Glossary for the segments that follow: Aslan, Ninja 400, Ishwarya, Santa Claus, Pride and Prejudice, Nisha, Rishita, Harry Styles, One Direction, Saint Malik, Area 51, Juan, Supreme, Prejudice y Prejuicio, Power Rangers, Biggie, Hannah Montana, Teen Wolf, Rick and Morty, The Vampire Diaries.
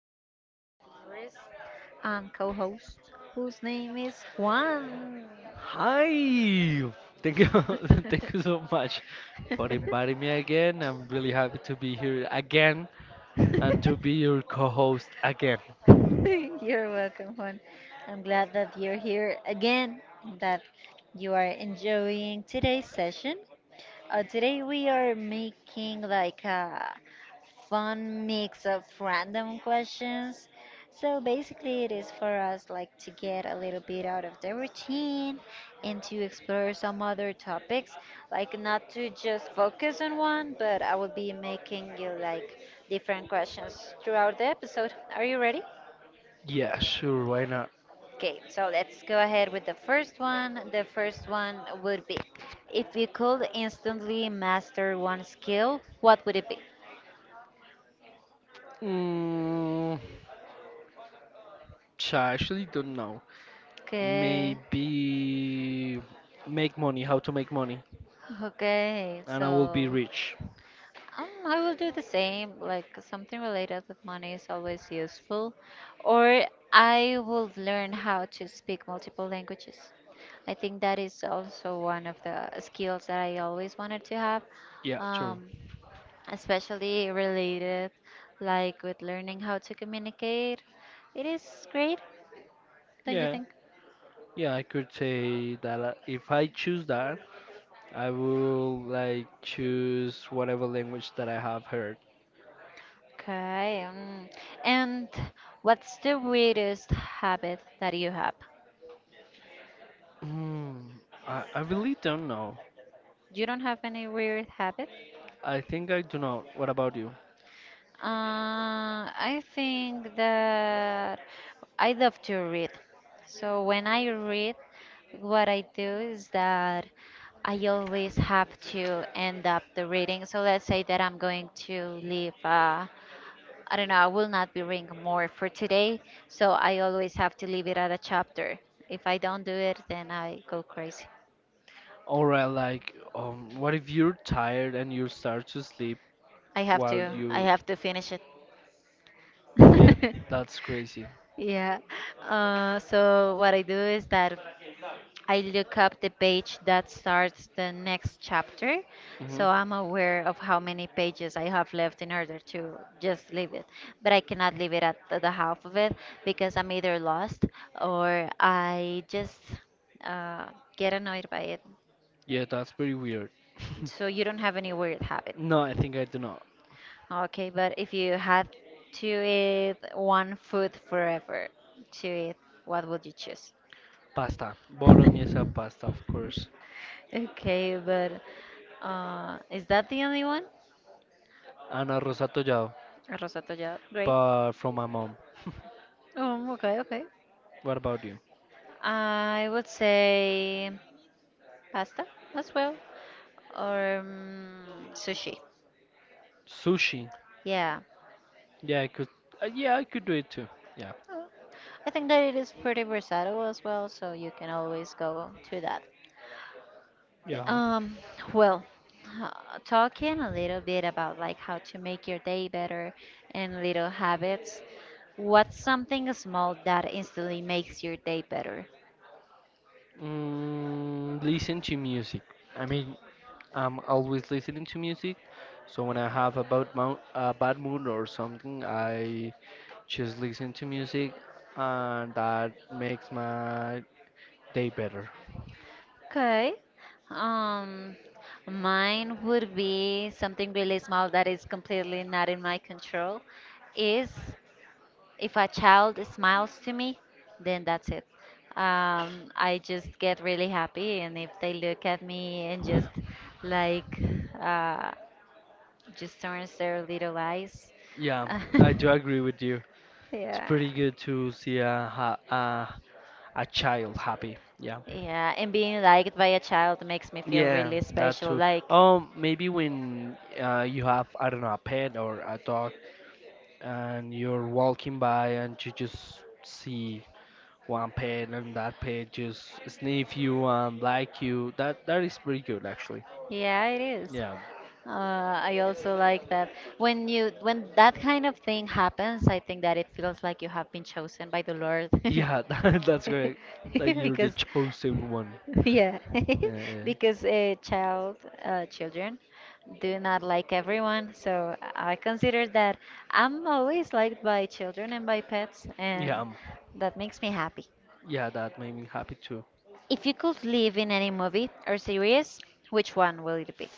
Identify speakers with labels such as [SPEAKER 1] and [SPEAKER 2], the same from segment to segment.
[SPEAKER 1] are with our dearest co host, whose name is Juan.
[SPEAKER 2] Hi! Thank you, thank you so much for inviting me again. I'm really happy to be here again and to be your co-host again.
[SPEAKER 1] You're welcome, Juan. I'm glad that you're here again and that you are enjoying today's session. Today we are making like a fun mix of random questions. So basically, it is for us like to get a little bit out of the routine and to explore some other topics, like not to just focus on one, but I will be making you like different questions throughout the episode. Are you ready?
[SPEAKER 2] Yeah, sure, why not?
[SPEAKER 1] Okay, so let's go ahead with the first one. The first one would be if you could instantly master one skill, what would it be?
[SPEAKER 2] Mm, I actually don't know.
[SPEAKER 1] Okay.
[SPEAKER 2] Maybe make money, how to make money,
[SPEAKER 1] Okay,
[SPEAKER 2] and I will
[SPEAKER 1] so
[SPEAKER 2] be rich.
[SPEAKER 1] I will do the same. Like something related with money is always useful, or I will learn how to speak multiple languages. I think that is also one of the skills that I always wanted to have,
[SPEAKER 2] Yeah, true.
[SPEAKER 1] um, especially related like with learning how to communicate. It is great, don't you
[SPEAKER 2] Yeah,
[SPEAKER 1] think?
[SPEAKER 2] yeah, I could say that if I choose that, I will like choose whatever language that I have heard.
[SPEAKER 1] Okay, and what's the weirdest habit that you have?
[SPEAKER 2] Hmm. I really don't know.
[SPEAKER 1] You don't have any weird habit?
[SPEAKER 2] I think I do not. What about you?
[SPEAKER 1] I think that I love to read. So when I read, what I do is that I always have to end up the reading. So let's say that I'm going to leave. I don't know, I will not be reading more for today, so I always have to leave it at a chapter. If I don't do it, then I go crazy.
[SPEAKER 2] Or like, what if you're tired and you start to sleep
[SPEAKER 1] I have
[SPEAKER 2] while
[SPEAKER 1] to I
[SPEAKER 2] you?
[SPEAKER 1] have to finish it.
[SPEAKER 2] Yeah, that's crazy.
[SPEAKER 1] Yeah. So what I do is that I look up the page that starts the next chapter,
[SPEAKER 2] Hmm.
[SPEAKER 1] so I'm aware of how many pages I have left in order to just leave it. But I cannot leave it at the half of it because I'm either lost or I just uh, get annoyed by it.
[SPEAKER 2] Yeah, that's pretty weird.
[SPEAKER 1] So you don't have any weird habit.
[SPEAKER 2] No, I think I do not.
[SPEAKER 1] Okay, but if you had to eat one food forever to eat, what would you choose?
[SPEAKER 2] Pasta, bolognese pasta, of course,
[SPEAKER 1] Okay, but is that the only one?
[SPEAKER 2] and arroz atollado,
[SPEAKER 1] Rosato, yeah, great.
[SPEAKER 2] but from my mom.
[SPEAKER 1] Okay, okay.
[SPEAKER 2] What about you?
[SPEAKER 1] I would say pasta as well, or sushi.
[SPEAKER 2] Sushi.
[SPEAKER 1] Yeah.
[SPEAKER 2] Yeah, I could. Yeah, I could do it too. Yeah.
[SPEAKER 1] Uh, I think that it is pretty versatile as well, so you can always go to that.
[SPEAKER 2] Yeah.
[SPEAKER 1] Um, well, uh, talking a little bit about like how to make your day better and little habits. What's something small that instantly makes your day better?
[SPEAKER 2] Listen to music. I mean, I'm always listening to music, so when I have a bad mood, or something, I just listen to music, and that makes my day better.
[SPEAKER 1] Okay. Um, Mine would be something really small that is completely not in my control. Is if a child smiles to me, then that's it. I just get really happy, and if they look at me and just like uh, just turns their little eyes,
[SPEAKER 2] Yeah, I do agree with you. It's
[SPEAKER 1] yeah,
[SPEAKER 2] pretty good to see a child happy. Yeah.
[SPEAKER 1] yeah, and being liked by a child makes me feel
[SPEAKER 2] Yeah,
[SPEAKER 1] really
[SPEAKER 2] that
[SPEAKER 1] special.
[SPEAKER 2] too.
[SPEAKER 1] Like
[SPEAKER 2] Maybe when you have, I don't know, a pet or a dog, and you're walking by and you just see one pet and that pet just sniff you and like you. That is pretty good actually.
[SPEAKER 1] yeah, it is.
[SPEAKER 2] Yeah.
[SPEAKER 1] Uh, I also like that when that kind of thing happens, I think that it feels like you have been chosen by the Lord.
[SPEAKER 2] Yeah, that's great. Like you're the
[SPEAKER 1] Because
[SPEAKER 2] chosen one.
[SPEAKER 1] yeah,
[SPEAKER 2] Yeah.
[SPEAKER 1] because children do
[SPEAKER 2] Yeah.
[SPEAKER 1] not like everyone, so I consider that I'm always liked by children and by pets,
[SPEAKER 2] Yeah,
[SPEAKER 1] and that makes me happy.
[SPEAKER 2] yeah, that made me happy too.
[SPEAKER 1] If you could live in any movie or series, which one will it be?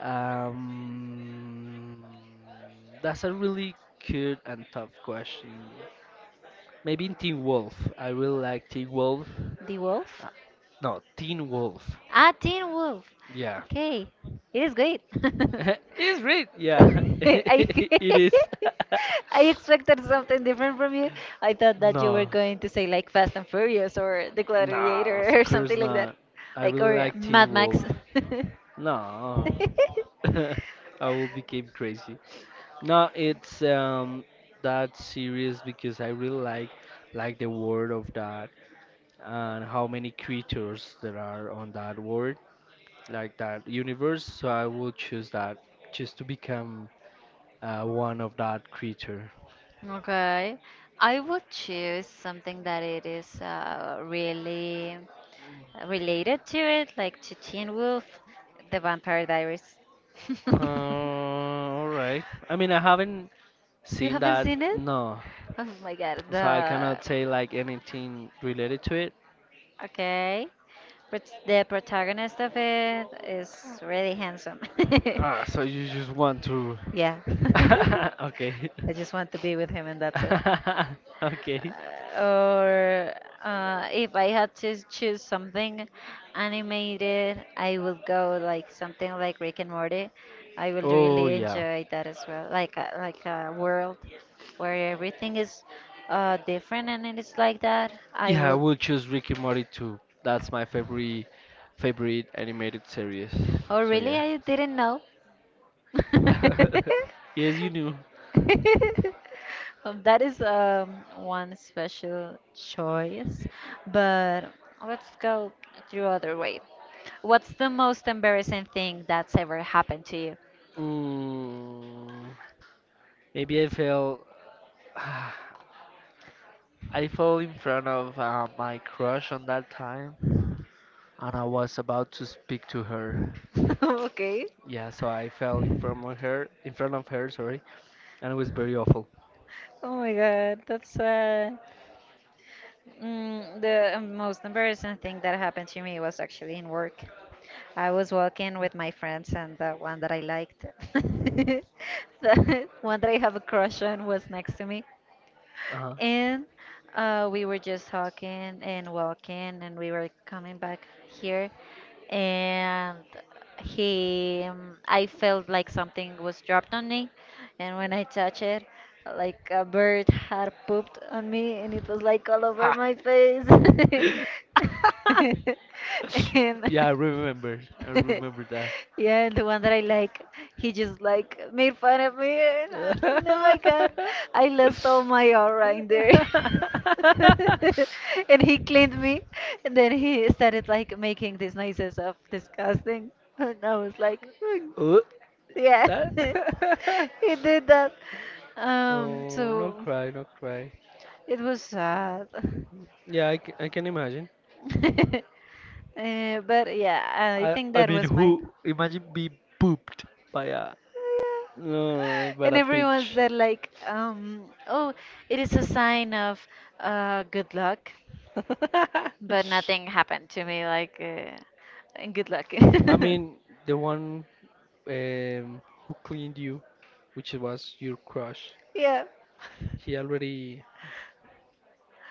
[SPEAKER 2] Um, that's a really cute and tough question. Maybe in Teen Wolf. I really like Teen Wolf.
[SPEAKER 1] The Wolf?
[SPEAKER 2] Uh, no, Teen Wolf.
[SPEAKER 1] Ah, Teen Wolf.
[SPEAKER 2] Yeah,
[SPEAKER 1] Okay, it is good.
[SPEAKER 2] it's great. Yeah,
[SPEAKER 1] I
[SPEAKER 2] it is.
[SPEAKER 1] I expected something different from you. I thought that you were
[SPEAKER 2] No.
[SPEAKER 1] going to say like Fast and Furious or The
[SPEAKER 2] Nah,
[SPEAKER 1] Gladiator
[SPEAKER 2] of
[SPEAKER 1] or
[SPEAKER 2] course
[SPEAKER 1] something like that,
[SPEAKER 2] not. I
[SPEAKER 1] like
[SPEAKER 2] really
[SPEAKER 1] or
[SPEAKER 2] like Teen
[SPEAKER 1] Mad Max.
[SPEAKER 2] Wolf. No, I will become crazy. No, it's that serious because I really like the world of that and how many creatures there are on that world, like that universe. So I will choose that just to become one of that creature.
[SPEAKER 1] Okay, I would choose something that it is really related to it, like to Teen Wolf, The Vampire Diaries.
[SPEAKER 2] All right. I mean, I haven't
[SPEAKER 1] You
[SPEAKER 2] seen
[SPEAKER 1] haven't
[SPEAKER 2] that.
[SPEAKER 1] seen it?
[SPEAKER 2] No,
[SPEAKER 1] Oh my God,
[SPEAKER 2] so I
[SPEAKER 1] the
[SPEAKER 2] cannot say like anything related to it.
[SPEAKER 1] okay. But the protagonist of it is really handsome.
[SPEAKER 2] Ah, so you just want to.
[SPEAKER 1] Yeah.
[SPEAKER 2] Okay.
[SPEAKER 1] I just want to be with him and that's it.
[SPEAKER 2] Okay.
[SPEAKER 1] Or If I had to choose something animated, I will go like something like Rick and Morty. I will
[SPEAKER 2] Oh
[SPEAKER 1] really
[SPEAKER 2] yeah.
[SPEAKER 1] enjoy that as well, like a world where everything is different and it is like that, I
[SPEAKER 2] Yeah, I
[SPEAKER 1] will.
[SPEAKER 2] will choose Rick and Morty too. That's my favorite animated series.
[SPEAKER 1] Oh,
[SPEAKER 2] So
[SPEAKER 1] really?
[SPEAKER 2] yeah.
[SPEAKER 1] I didn't know.
[SPEAKER 2] Yes, you knew.
[SPEAKER 1] That is one special choice, but let's go through other way. What's the most embarrassing thing that's ever happened to you?
[SPEAKER 2] Mm, maybe I fell. I fell in front of my crush on that time, and I was about to speak to her.
[SPEAKER 1] Okay.
[SPEAKER 2] Yeah, so I fell in front of her, in front of her, sorry, and it was very awful.
[SPEAKER 1] Oh my God, that's sad. The most embarrassing thing that happened to me was actually in work. I was walking with my friends, and the one that I liked, the one that I have a crush on, was next to me.
[SPEAKER 2] Uh-huh.
[SPEAKER 1] And we were just talking and walking, and we were coming back here, and I felt like something was dropped on me, and when I touched it, like a bird had pooped on me, and it was like all over
[SPEAKER 2] Ha.
[SPEAKER 1] my face. And
[SPEAKER 2] Yeah, I remember. I remember that.
[SPEAKER 1] yeah, the one that I like, he just like made fun of me, and I was like, no, I got, I lost all my aura in there. And he cleaned me, and then he started like making these noises of disgusting, and I was like, "Hmm,
[SPEAKER 2] Oh,
[SPEAKER 1] yeah,"
[SPEAKER 2] that.
[SPEAKER 1] he did that. Um,
[SPEAKER 2] Oh, no
[SPEAKER 1] so
[SPEAKER 2] cry, no cry.
[SPEAKER 1] it was sad.
[SPEAKER 2] Yeah, I can imagine.
[SPEAKER 1] But yeah, I
[SPEAKER 2] I
[SPEAKER 1] think
[SPEAKER 2] I
[SPEAKER 1] that
[SPEAKER 2] mean,
[SPEAKER 1] was mine.
[SPEAKER 2] who imagine being pooped by
[SPEAKER 1] And
[SPEAKER 2] a
[SPEAKER 1] everyone
[SPEAKER 2] peach.
[SPEAKER 1] said like, oh, it is a sign of good luck. But nothing happened to me, like, and good luck.
[SPEAKER 2] I mean, the one who cleaned you, which was your crush,
[SPEAKER 1] Yeah.
[SPEAKER 2] he already,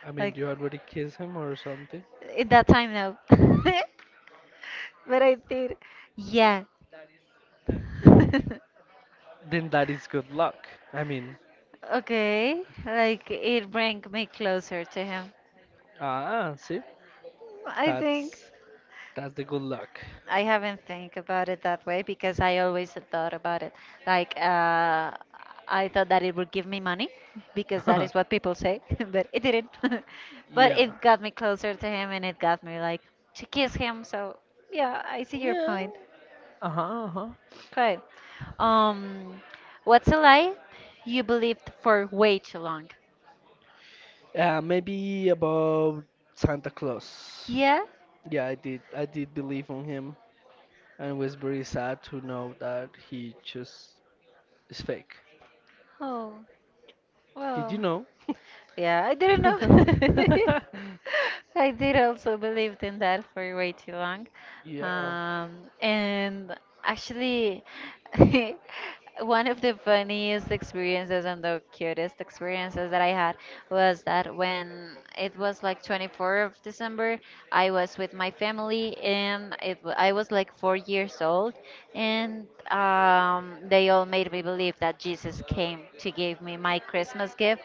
[SPEAKER 2] I mean,
[SPEAKER 1] Like,
[SPEAKER 2] you already kissed him or something?
[SPEAKER 1] in that time now. But I did. Yeah.
[SPEAKER 2] Then that is good luck. I mean,
[SPEAKER 1] Okay. Like, it bring me closer to him.
[SPEAKER 2] ah, see,
[SPEAKER 1] I think.
[SPEAKER 2] that's that's the good luck.
[SPEAKER 1] I haven't think about it that way because I always thought about it. Like I thought that it would give me money because that is what people say, but it didn't. But
[SPEAKER 2] Yeah,
[SPEAKER 1] it got me closer to him and it got me like to kiss him. So yeah, I see your
[SPEAKER 2] yeah,
[SPEAKER 1] point.
[SPEAKER 2] uh-huh, uh-huh.
[SPEAKER 1] Okay. Um, what's a lie you believed for way too long?
[SPEAKER 2] Yeah, maybe about Santa Claus.
[SPEAKER 1] Yeah.
[SPEAKER 2] Yeah, I did believe on him, and it was very sad to know that he just is fake.
[SPEAKER 1] Oh
[SPEAKER 2] Did you
[SPEAKER 1] well.
[SPEAKER 2] know?
[SPEAKER 1] Yeah, I didn't know. I did also believed in that for way too long.
[SPEAKER 2] Yeah.
[SPEAKER 1] And actually, one of the funniest experiences and the cutest experiences that I had was that when it was like 24th of December, I was with my family and I was like 4 years old, and they all made me believe that Jesus came to give me my Christmas gift.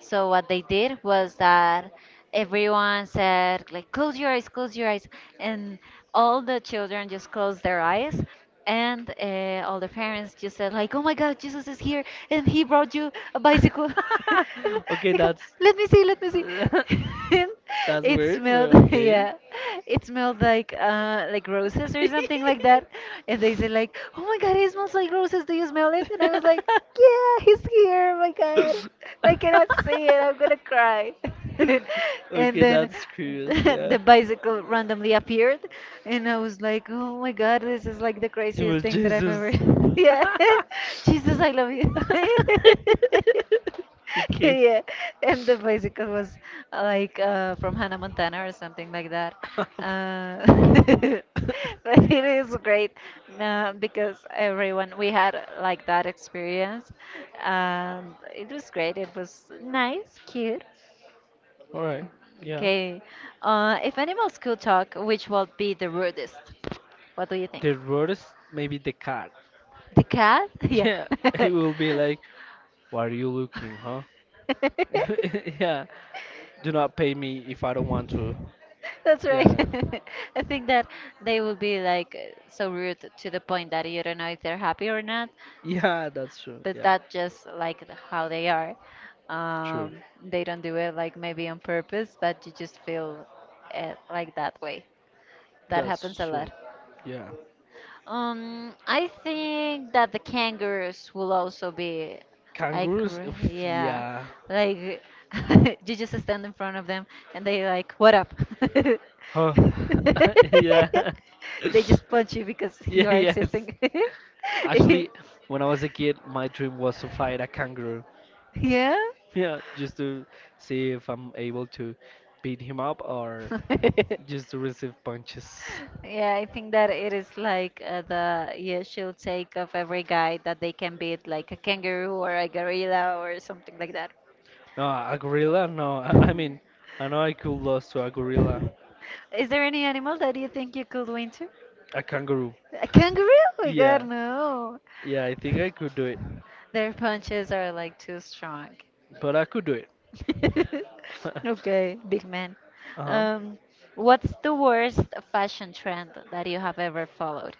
[SPEAKER 1] So what they did was that everyone said like close your eyes, and all the children just closed their eyes, and all the parents just said like oh my God, Jesus is here, and he brought you a bicycle. And
[SPEAKER 2] Okay,
[SPEAKER 1] they go,
[SPEAKER 2] that's
[SPEAKER 1] let me see, let me see. And
[SPEAKER 2] that's
[SPEAKER 1] it
[SPEAKER 2] weird,
[SPEAKER 1] smelled,
[SPEAKER 2] but okay.
[SPEAKER 1] yeah, it smelled like roses or something like that. And they said like oh my God, it smells like roses. Do you smell it? And I was like. Yeah, he's here. Oh my God, I cannot see it. I'm gonna cry. And
[SPEAKER 2] Okay,
[SPEAKER 1] then
[SPEAKER 2] that's curious, yeah.
[SPEAKER 1] the bicycle randomly appeared, and I was like, "Oh my God, this is like the
[SPEAKER 2] It
[SPEAKER 1] craziest
[SPEAKER 2] was
[SPEAKER 1] thing that I've ever."
[SPEAKER 2] Jesus.
[SPEAKER 1] Yeah, Jesus, I love you.
[SPEAKER 2] Okay.
[SPEAKER 1] Yeah, and the bicycle was from Hannah Montana or something like that.
[SPEAKER 2] All
[SPEAKER 1] Uh, but it is great because everyone we had like that experience, and it was great. It was nice, cute.
[SPEAKER 2] right. Yeah.
[SPEAKER 1] Okay, if animals could talk, which would be the rudest? What do you think?
[SPEAKER 2] The worst, maybe the cat.
[SPEAKER 1] The cat? Yeah.
[SPEAKER 2] Yeah. It will be like, what are you looking, huh? Yeah. Do not pay me if I don't want to.
[SPEAKER 1] That's right.
[SPEAKER 2] Yeah.
[SPEAKER 1] I think that they will be like so rude to the point that you don't know if they're happy or not,
[SPEAKER 2] Yeah, that's true.
[SPEAKER 1] but
[SPEAKER 2] Yeah.
[SPEAKER 1] that just like how they are.
[SPEAKER 2] True.
[SPEAKER 1] They don't do it like maybe on purpose, but you just feel it like that way. That happens
[SPEAKER 2] That's
[SPEAKER 1] a lot.
[SPEAKER 2] true. Yeah.
[SPEAKER 1] I think that the kangaroos will also be like,
[SPEAKER 2] Kangaroos, oof,
[SPEAKER 1] yeah,
[SPEAKER 2] yeah.
[SPEAKER 1] like you just stand in front of them and they like, what up?
[SPEAKER 2] Huh. Yeah.
[SPEAKER 1] They just punch you because you
[SPEAKER 2] Yeah,
[SPEAKER 1] are
[SPEAKER 2] yes.
[SPEAKER 1] existing.
[SPEAKER 2] Actually, when I was a kid, my dream was to fight a kangaroo.
[SPEAKER 1] Yeah.
[SPEAKER 2] Yeah, just to see if I'm able to beat him up or just to receive punches.
[SPEAKER 1] Yeah, I think that it is like the usual take of every guy that they can beat like a kangaroo or a gorilla or something like that.
[SPEAKER 2] No, a gorilla? No, I mean, I know I could lose to a gorilla.
[SPEAKER 1] Is there any animal that you think you could win to?
[SPEAKER 2] A kangaroo.
[SPEAKER 1] A kangaroo? Oh my God,
[SPEAKER 2] Yeah.
[SPEAKER 1] no.
[SPEAKER 2] Yeah, I think I could do it,
[SPEAKER 1] Their punches are like too strong.
[SPEAKER 2] but I could do it. Uh-huh.
[SPEAKER 1] Okay, big man. Um, what's the worst fashion trend that you have ever followed?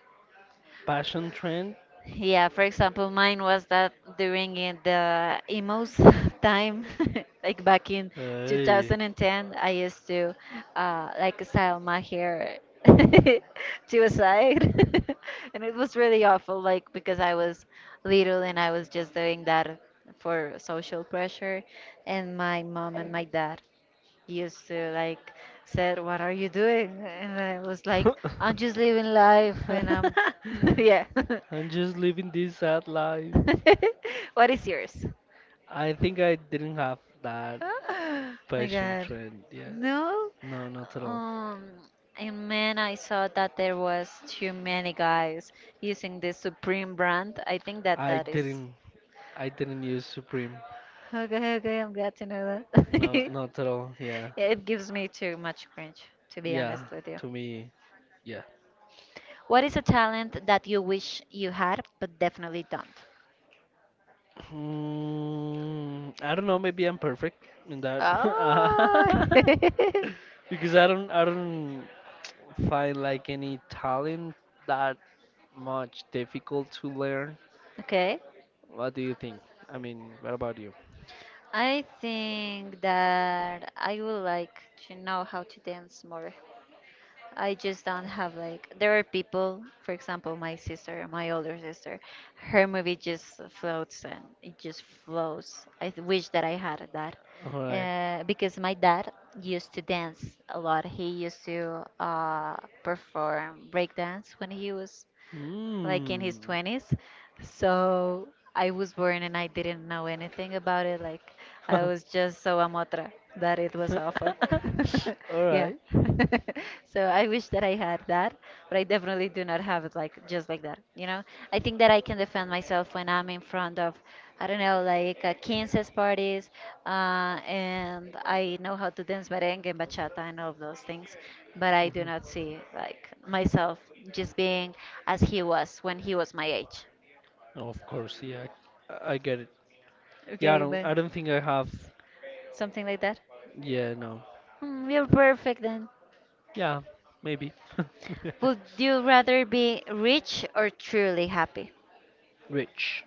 [SPEAKER 2] Passion trend.
[SPEAKER 1] Yeah, for example, mine was that during in the emos time, like back in
[SPEAKER 2] Hey.
[SPEAKER 1] 2010, I used to like style my hair to a side, and it was really awful, like because I was little and I was just doing that for social pressure, and my mom and my dad used to like said, "What are you doing?" And I was like, "I'm just living life," and I'm yeah.
[SPEAKER 2] I'm just living this sad life.
[SPEAKER 1] What is yours?
[SPEAKER 2] I think I didn't have that
[SPEAKER 1] My
[SPEAKER 2] passion
[SPEAKER 1] God.
[SPEAKER 2] trend. Yeah,
[SPEAKER 1] No.
[SPEAKER 2] no, not at all.
[SPEAKER 1] Um, and man, I saw that there was too many guys using the Supreme brand. I think that
[SPEAKER 2] I
[SPEAKER 1] that is.
[SPEAKER 2] didn't. I didn't use Supreme.
[SPEAKER 1] Okay, okay, I'm glad to know that.
[SPEAKER 2] No, not at all. Yeah,
[SPEAKER 1] Yeah, it gives me too much cringe, to be
[SPEAKER 2] yeah.
[SPEAKER 1] honest with you.
[SPEAKER 2] To me, yeah.
[SPEAKER 1] What is a talent that you wish you had, but definitely don't?
[SPEAKER 2] Hmm, I don't know. Maybe I'm perfect in that
[SPEAKER 1] Oh.
[SPEAKER 2] because I don't find like any talent that much difficult to learn.
[SPEAKER 1] Okay.
[SPEAKER 2] What do you think? I mean, what about you?
[SPEAKER 1] I think that I would like to know how to dance more. I just don't have like there are people, for example, my sister, my older sister, her movie just floats and it just flows. I wish that I had that.
[SPEAKER 2] All right.
[SPEAKER 1] Because my dad used to dance a lot. He used to perform breakdance when he was like in his
[SPEAKER 2] Hmm.
[SPEAKER 1] 20s. So I was born and I didn't know anything about it. Like I
[SPEAKER 2] All
[SPEAKER 1] was just so amotra that it was awful. Yeah.
[SPEAKER 2] right.
[SPEAKER 1] So I wish that I had that, but I definitely do not have it like just like that, you know? I think that I can defend myself when I'm in front of, I don't know, like 15 parties, uh, and I know how to dance merengue and bachata and all of those things, but I do
[SPEAKER 2] Mhm.
[SPEAKER 1] not see like myself just being as he was when he was my age.
[SPEAKER 2] Of course, yeah, I get it. Yeah,
[SPEAKER 1] Okay,
[SPEAKER 2] I
[SPEAKER 1] but
[SPEAKER 2] don't think I have.
[SPEAKER 1] something like that.
[SPEAKER 2] Yeah, no.
[SPEAKER 1] Mm, you're perfect then.
[SPEAKER 2] Yeah, maybe.
[SPEAKER 1] Would you rather be rich or truly happy?
[SPEAKER 2] Rich.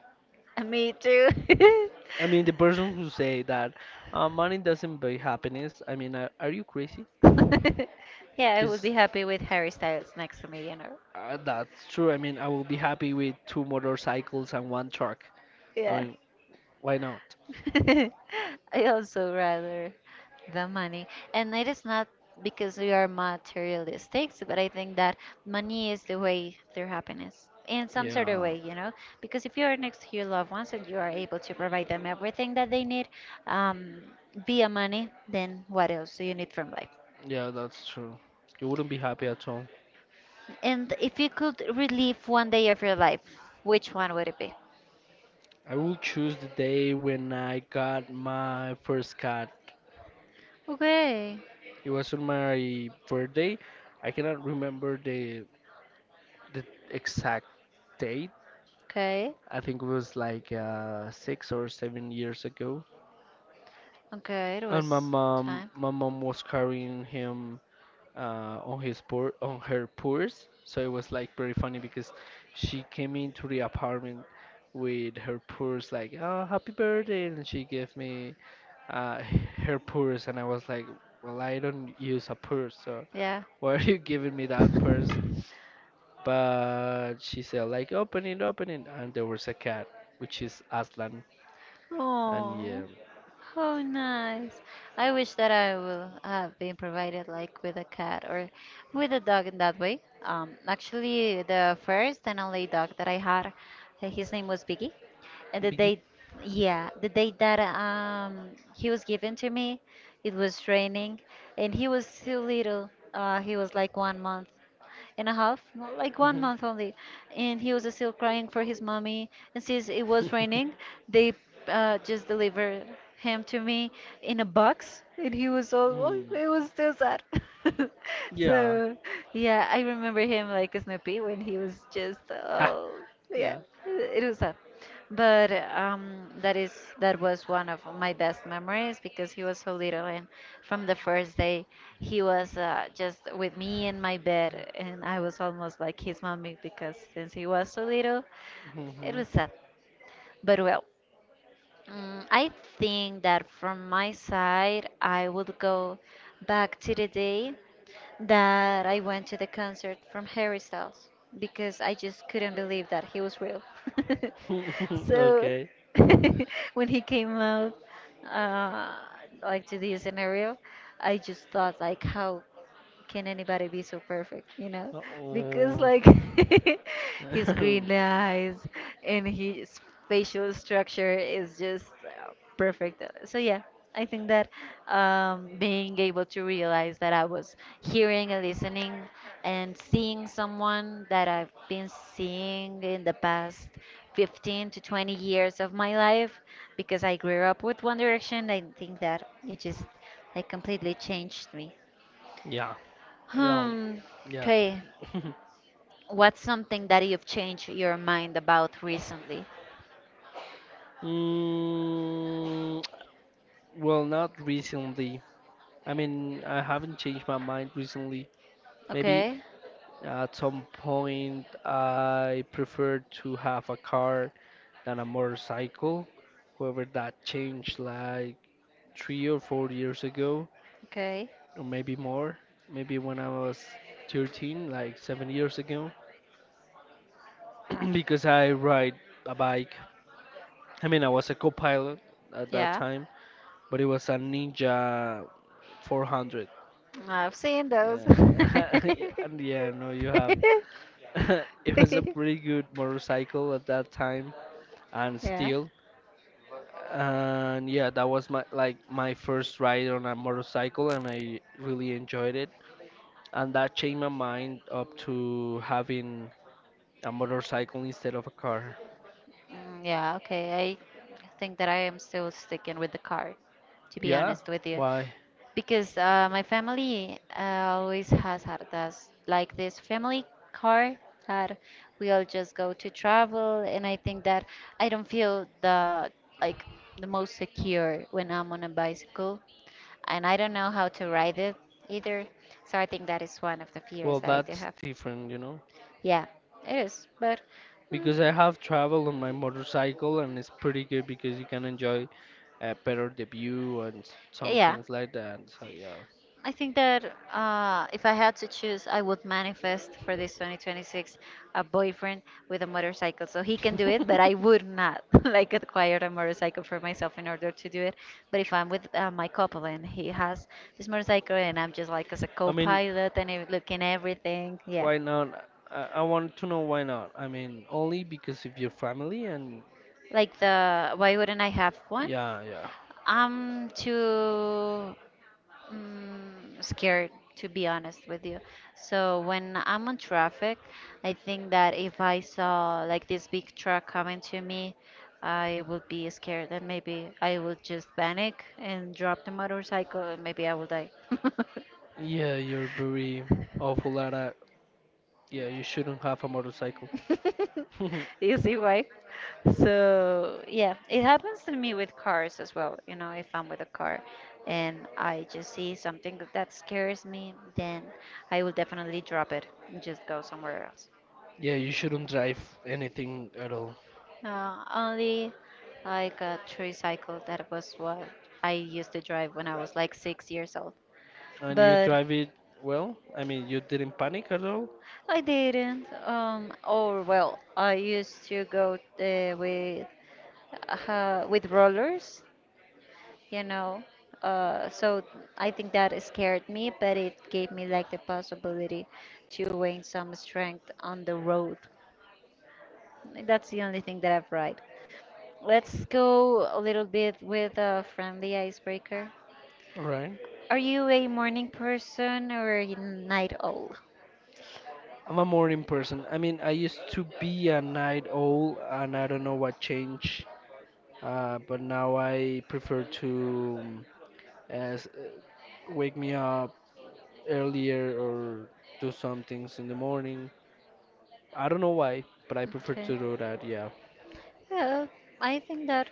[SPEAKER 1] Me too.
[SPEAKER 2] I mean, the person who say that money doesn't buy happiness. I mean, are you crazy?
[SPEAKER 1] Yeah, I would
[SPEAKER 2] Because
[SPEAKER 1] be happy with Harry Styles next to me, you know.
[SPEAKER 2] that's true. I mean, I will be happy with two motorcycles and one truck. I
[SPEAKER 1] Yeah.
[SPEAKER 2] mean, why not?
[SPEAKER 1] I also rather the money. And it is not because we are materialistic, but I think that money is the way to happiness in some sort of
[SPEAKER 2] Yeah,
[SPEAKER 1] way, you know. Because if you are next to your loved ones and you are able to provide them everything that they need, um, via money, then what else do you need from life?
[SPEAKER 2] yeah, that's true. You wouldn't be happy at all.
[SPEAKER 1] And if you could relive one day of your life, which one would it be?
[SPEAKER 2] I will choose the day when I got my first cat.
[SPEAKER 1] Okay.
[SPEAKER 2] It was on my birthday. I cannot remember the exact date.
[SPEAKER 1] Okay,
[SPEAKER 2] I think it was like 6 or 7 years ago.
[SPEAKER 1] okay, it
[SPEAKER 2] And my
[SPEAKER 1] was
[SPEAKER 2] mom,
[SPEAKER 1] time.
[SPEAKER 2] my mom was carrying him on her purse, so it was like pretty funny because she came into the apartment with her purse like, "Oh, happy birthday!" and she gave me uh, her purse, and I was like, "Well, I don't use a purse, so
[SPEAKER 1] Yeah.
[SPEAKER 2] why are you giving me that purse?" But she said like, open it," and there was a cat, which is Aslan, and yeah,
[SPEAKER 1] Oh, how nice. I wish that I will have been provided like with a cat or with a dog in that way. Actually, the first and only dog that I had, his name was Biggie. And the
[SPEAKER 2] Biggie.
[SPEAKER 1] day, yeah, the day that he was given to me, it was raining, and he was so little. He was like one month, and a half, no, like one
[SPEAKER 2] Hmm.
[SPEAKER 1] month only, and he was still crying for his mommy. And since it was raining, they just delivered him to me in a box, and he was all, oh,
[SPEAKER 2] Mm,
[SPEAKER 1] it was so sad.
[SPEAKER 2] yeah.
[SPEAKER 1] So yeah, I remember him like Snoopy when he was just,
[SPEAKER 2] Ha.
[SPEAKER 1] oh yeah,
[SPEAKER 2] Yeah.
[SPEAKER 1] it was sad. But that was one of my best memories because he was so little and from the first day he was just with me in my bed, and I was almost like his mommy because since he was so little, it
[SPEAKER 2] Mhm.
[SPEAKER 1] was sad. But well, mm, I think that from my side, I would go back to the day that I went to the concert from Harry Styles because I just couldn't believe that he was real. So
[SPEAKER 2] Okay.
[SPEAKER 1] when he came out uh, like to this scenario, I just thought like how can anybody be so perfect, you know? Because
[SPEAKER 2] Oh.
[SPEAKER 1] like his green eyes and his facial structure is just perfect. So yeah, I think that being able to realize that I was hearing and listening and seeing someone that I've been seeing in the past 15 to 20 years of my life because I grew up with One Direction, I think that it just like completely changed me.
[SPEAKER 2] Yeah. Well.
[SPEAKER 1] Hmm.
[SPEAKER 2] Yeah.
[SPEAKER 1] Okay. What's something that you've changed your mind about recently?
[SPEAKER 2] mm, well, not recently. I mean, I haven't changed my mind recently. Maybe
[SPEAKER 1] Okay.
[SPEAKER 2] at some point I prefer to have a car than a motorcycle. However, that changed like 3 or 4 years ago,
[SPEAKER 1] Okay.
[SPEAKER 2] or maybe more, maybe when I was 13, like 7 years ago, because I ride a bike. I mean, I was a co-pilot at that
[SPEAKER 1] Yeah.
[SPEAKER 2] time, but it was a Ninja 400.
[SPEAKER 1] I've seen those.
[SPEAKER 2] Yeah, and yeah, no, you have. It was a pretty good motorcycle at that time, and
[SPEAKER 1] Yeah.
[SPEAKER 2] still. And yeah, that was my my first ride on a motorcycle, and I really enjoyed it. And that changed my mind up to having a motorcycle instead of a car.
[SPEAKER 1] Mm, yeah. Okay. I think that I am still sticking with the car, to be
[SPEAKER 2] Yeah,
[SPEAKER 1] honest with you.
[SPEAKER 2] why?
[SPEAKER 1] Because my family always has had us like this family car that we all just go to travel, and I think that I don't feel the like the most secure when I'm on a bicycle, and I don't know how to ride it either, so I think that is one of the fears
[SPEAKER 2] Well,
[SPEAKER 1] that I do
[SPEAKER 2] that's
[SPEAKER 1] have.
[SPEAKER 2] different, you know.
[SPEAKER 1] Yeah, it is, but mm,
[SPEAKER 2] Because I have traveled on my motorcycle and it's pretty good because you can enjoy better the view and some
[SPEAKER 1] yeah,
[SPEAKER 2] things like that. So yeah.
[SPEAKER 1] I think that if I had to choose, I would manifest for this 2026 a boyfriend with a motorcycle. So he can do it, but I would not like acquire a motorcycle for myself in order to do it. But if I'm with my couple and he has this motorcycle and I'm just like as a
[SPEAKER 2] I mean,
[SPEAKER 1] co-pilot and looking everything, yeah.
[SPEAKER 2] why not? I want to know why not. I mean, only because of your family and
[SPEAKER 1] Like the why wouldn't I have one?
[SPEAKER 2] yeah, yeah.
[SPEAKER 1] I'm too mm, scared, to be honest with you, so when I'm on traffic, I think that if I saw like this big truck coming to me, I would be scared and maybe I would just panic and drop the motorcycle and maybe I will die.
[SPEAKER 2] Yeah, you're very awful at that. Yeah, you shouldn't have a motorcycle.
[SPEAKER 1] You see why? So yeah, it happens to me with cars as well. You know, if I'm with a car and I just see something that scares me, then I will definitely drop it and just go somewhere else.
[SPEAKER 2] Yeah, you shouldn't drive anything at all.
[SPEAKER 1] Only like a tricycle. That was what I used to drive when I was like 6 years old.
[SPEAKER 2] And you
[SPEAKER 1] But
[SPEAKER 2] drive it well? I mean, you didn't panic at all,
[SPEAKER 1] I didn't. Or well, I used to go uh, with with rollers, you know. So I think that scared me, but it gave me like the possibility to gain some strength on the road. That's the only thing that I've tried. Let's go a little bit with a friendly icebreaker.
[SPEAKER 2] right?
[SPEAKER 1] Are you a morning person or a night owl?
[SPEAKER 2] I'm a morning person. I mean, I used to be a night owl, and I don't know what changed. But now I prefer to as wake me up earlier or do some things in the morning. I don't know why, but I prefer
[SPEAKER 1] Okay.
[SPEAKER 2] to do that. Yeah.
[SPEAKER 1] Uh, I think that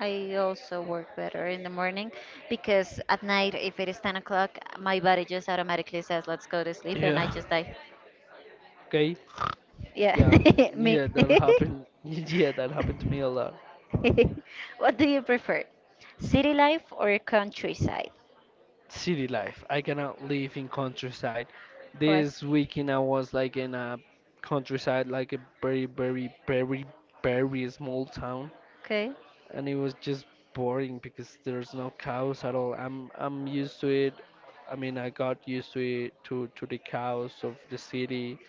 [SPEAKER 1] I also work better in the morning because at night, if it is 10 o'clock, my body just automatically says, let's go to sleep, and I
[SPEAKER 2] Yeah.
[SPEAKER 1] just die.
[SPEAKER 2] Okay. Yeah.
[SPEAKER 1] Yeah, me.
[SPEAKER 2] Yeah, that happened. Yeah, that happened to me a lot.
[SPEAKER 1] What do you prefer? City life or countryside?
[SPEAKER 2] City life. I cannot live in countryside.
[SPEAKER 1] Why?
[SPEAKER 2] This weekend I was like in a countryside, like a very, very, very, very small town,
[SPEAKER 1] Okay.
[SPEAKER 2] and it was just boring because there's no cows at all. I'm used to it. I mean, I got used to it to the cows of the city,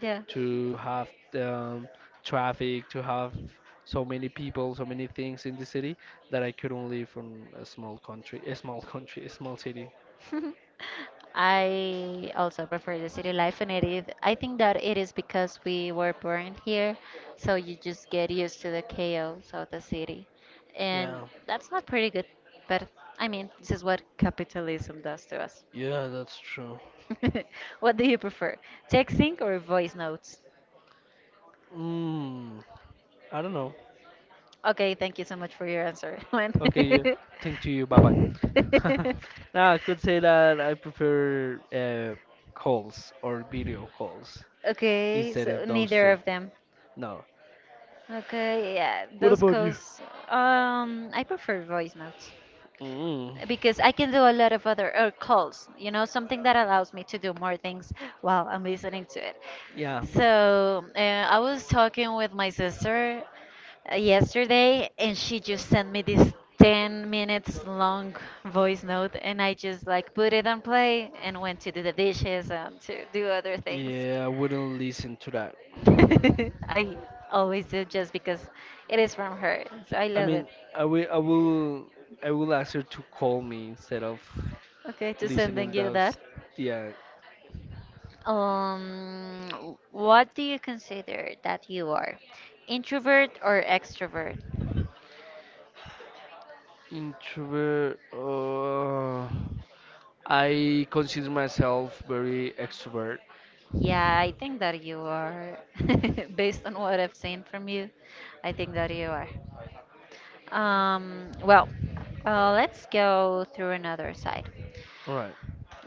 [SPEAKER 1] Yeah.
[SPEAKER 2] to have um, traffic, to have so many people, so many things in the city that I couldn't live in a small country, a small country, a small city.
[SPEAKER 1] I also prefer the city life, and it is, I think that it is because we were born here, so you just get used to the chaos of the city. And
[SPEAKER 2] Yeah.
[SPEAKER 1] that's not pretty good, but I mean, this is what capitalism does to us.
[SPEAKER 2] Yeah, that's true.
[SPEAKER 1] What do you prefer, texting or voice notes?
[SPEAKER 2] Mm, I don't know.
[SPEAKER 1] Okay, thank you so much for your answer. When-
[SPEAKER 2] Okay, yeah. Thank to you. Bye bye. Now I could say that I prefer calls or video calls
[SPEAKER 1] okay,
[SPEAKER 2] instead
[SPEAKER 1] so
[SPEAKER 2] of those
[SPEAKER 1] neither
[SPEAKER 2] two.
[SPEAKER 1] of them.
[SPEAKER 2] No.
[SPEAKER 1] Okay, yeah,
[SPEAKER 2] What
[SPEAKER 1] those
[SPEAKER 2] about you?
[SPEAKER 1] calls. I prefer voice notes
[SPEAKER 2] Mm,
[SPEAKER 1] because I can do a lot of other or calls, you know, something that allows me to do more things while I'm listening to it.
[SPEAKER 2] yeah.
[SPEAKER 1] So I was talking with my sister yesterday, and she just sent me this 10 minutes long voice note, and I just like put it on play and went to do the dishes and to do other things.
[SPEAKER 2] Yeah, I wouldn't listen to that.
[SPEAKER 1] I always do just because it is from her, so I
[SPEAKER 2] I
[SPEAKER 1] love it.
[SPEAKER 2] mean, I will, I will, I will ask her to call me instead of
[SPEAKER 1] Okay, to
[SPEAKER 2] listening
[SPEAKER 1] sending you that.
[SPEAKER 2] those. Yeah,
[SPEAKER 1] What do you consider that you are? Introvert or extrovert?
[SPEAKER 2] introvert. I consider myself very extrovert.
[SPEAKER 1] Yeah, I think that you are. Based on what I've seen from you, I think that you are. Well, let's go through another side.
[SPEAKER 2] All right.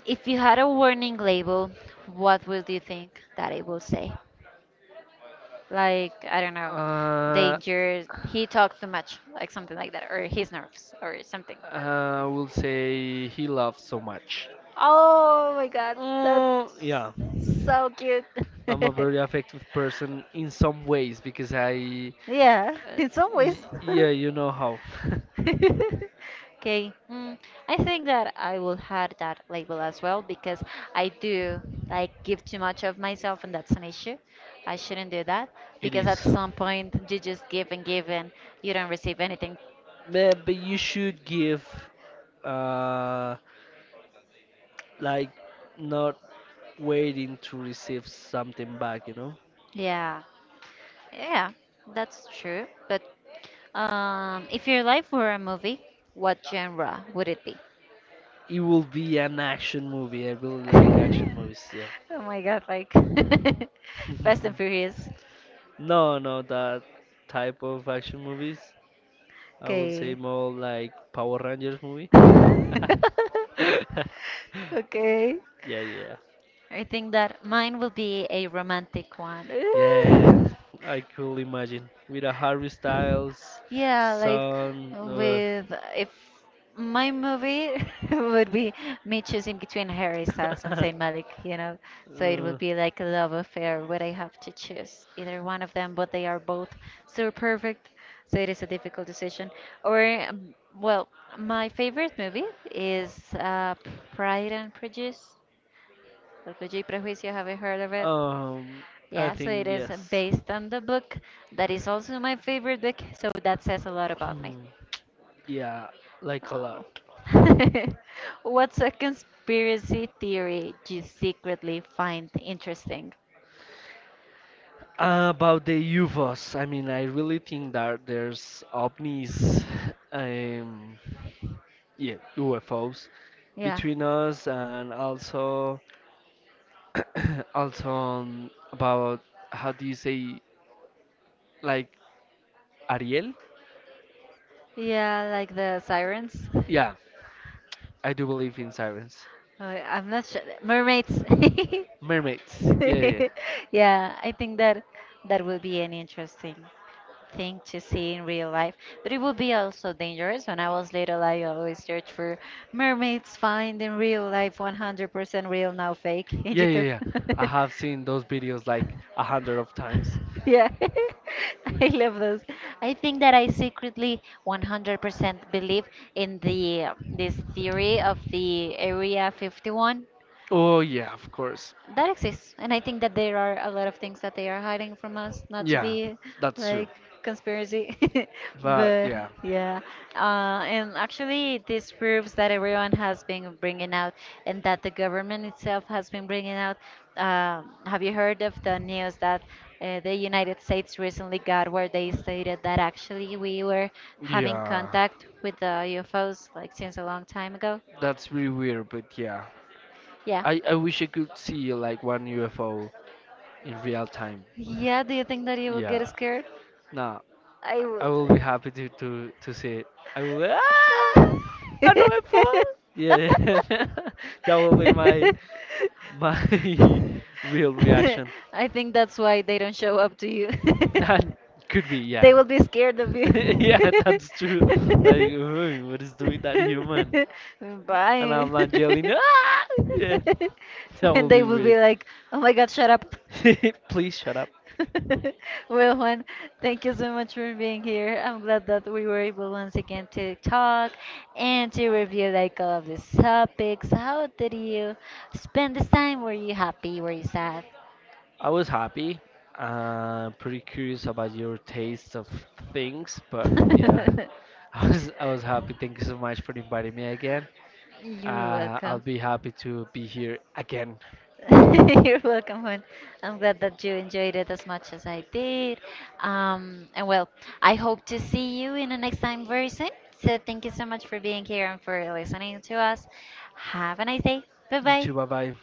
[SPEAKER 1] If you had a warning label, what would you think that it will say? Like, I don't know,
[SPEAKER 2] Uh,
[SPEAKER 1] danger, he talks too much, like something like that, or he's nervous, or something.
[SPEAKER 2] I will say he loves so much.
[SPEAKER 1] Oh my god, that
[SPEAKER 2] Mm, yeah.
[SPEAKER 1] so cute.
[SPEAKER 2] I'm a very affective person in some ways because
[SPEAKER 1] Yeah,
[SPEAKER 2] uh,
[SPEAKER 1] in some ways.
[SPEAKER 2] yeah, you know how
[SPEAKER 1] Okay, mm, I think that I will have that label as well because I do like give too much of myself, and that's an issue. I shouldn't do that
[SPEAKER 2] it
[SPEAKER 1] because at
[SPEAKER 2] is.
[SPEAKER 1] some point you just give and give and you don't receive anything.
[SPEAKER 2] Man, but you should give, uh, like, not waiting to receive something back, you know?
[SPEAKER 1] Yeah, yeah, that's true. But if your life were a movie, what genre would it be?
[SPEAKER 2] It will be an action movie. I really like action movies.
[SPEAKER 1] Oh my god, like
[SPEAKER 2] Yeah.
[SPEAKER 1] Fast and Furious.
[SPEAKER 2] No, no, that type of action movies. I would say
[SPEAKER 1] Okay.
[SPEAKER 2] more like Power Rangers movie.
[SPEAKER 1] Okay.
[SPEAKER 2] Yeah, yeah.
[SPEAKER 1] I think that mine will be a romantic one.
[SPEAKER 2] Yeah, I could imagine. With a Harry Styles,
[SPEAKER 1] Yeah, like
[SPEAKER 2] son,
[SPEAKER 1] with if my movie would be me choosing between Harry Styles and Saint Malik, you know, so it
[SPEAKER 2] uh,
[SPEAKER 1] would be like a love affair where I have to choose either one of them, but they are both so perfect, so it is a difficult decision. Or well, my favorite movie is Pride and Prejudice, or Prejudice y Prejuicio. Have you heard of it?
[SPEAKER 2] um, I
[SPEAKER 1] Yeah, so
[SPEAKER 2] think
[SPEAKER 1] it is
[SPEAKER 2] yes.
[SPEAKER 1] based on the book that is also my favorite book, so that says a lot about me.
[SPEAKER 2] Yeah, like a lot.
[SPEAKER 1] Oh. What's a conspiracy theory you secretly find interesting?
[SPEAKER 2] About the UFOs, I mean, I really think that there's ovnis, um, yeah, UFOs
[SPEAKER 1] Yeah.
[SPEAKER 2] between us, and also, also about how do you say, like Ariel?
[SPEAKER 1] Yeah, like the sirens.
[SPEAKER 2] Yeah, I do believe in sirens,
[SPEAKER 1] I'm not sure. Mermaids.
[SPEAKER 2] mermaids. Yeah, yeah,
[SPEAKER 1] Yeah, I think that that will be an interesting thing to see in real life. But it would be also dangerous. When I was little, I always searched for mermaids find in real life, 100% real, now fake in
[SPEAKER 2] yeah, yeah. Yeah.
[SPEAKER 1] YouTube.
[SPEAKER 2] Yeah. I have seen those videos like 100 of times.
[SPEAKER 1] Yeah, I love those. I think that I secretly 100% believe in the this theory of the Area 51
[SPEAKER 2] Oh yeah, of course.
[SPEAKER 1] that exists, and I think that there are a lot of things that they are hiding from us not to
[SPEAKER 2] Yeah,
[SPEAKER 1] be
[SPEAKER 2] that's true.
[SPEAKER 1] like conspiracy.
[SPEAKER 2] But
[SPEAKER 1] But
[SPEAKER 2] yeah,
[SPEAKER 1] yeah, and actually this proves that everyone has been bringing out, and that the government itself has been bringing out, have you heard of the news that the United States recently got where they stated that actually we were having
[SPEAKER 2] yeah.
[SPEAKER 1] contact with the UFOs like since a long time ago?
[SPEAKER 2] That's really weird, but yeah.
[SPEAKER 1] Yeah.
[SPEAKER 2] I wish I could see like one UFO in real time.
[SPEAKER 1] Yeah, do you think that you would
[SPEAKER 2] Yeah.
[SPEAKER 1] get scared?
[SPEAKER 2] Nah,
[SPEAKER 1] I
[SPEAKER 2] I will be
[SPEAKER 1] would.
[SPEAKER 2] happy to see it. I will an UFO. Yeah, that will be my my real reaction.
[SPEAKER 1] I think that's why they don't show up to you.
[SPEAKER 2] That could be,
[SPEAKER 1] They
[SPEAKER 2] yeah.
[SPEAKER 1] will be scared of you.
[SPEAKER 2] Yeah, that's true. Like, "Ooh, what is doing that human? And
[SPEAKER 1] Bye.
[SPEAKER 2] I'm like yelling. Ah! Yeah, that
[SPEAKER 1] And
[SPEAKER 2] will
[SPEAKER 1] they
[SPEAKER 2] be
[SPEAKER 1] will be
[SPEAKER 2] weird.
[SPEAKER 1] like, oh my god, shut up.
[SPEAKER 2] Please shut up.
[SPEAKER 1] Well, Juan, thank you so much for being here. I'm glad that we were able once again to talk and to review like all of these topics. How did you spend this time? Were you happy? Were you sad?
[SPEAKER 2] I was happy. Pretty curious about your taste of things, but yeah, I was happy. Thank you so much for inviting me again.
[SPEAKER 1] You're
[SPEAKER 2] I'll
[SPEAKER 1] welcome.
[SPEAKER 2] be happy to be here again.
[SPEAKER 1] You're welcome, Juan. I'm glad that you enjoyed it as much as I did. And well, I hope to see you in the next time very soon. So thank you so much for being here and for listening to us. Have a nice day. Bye
[SPEAKER 2] You too.
[SPEAKER 1] bye.
[SPEAKER 2] Bye bye.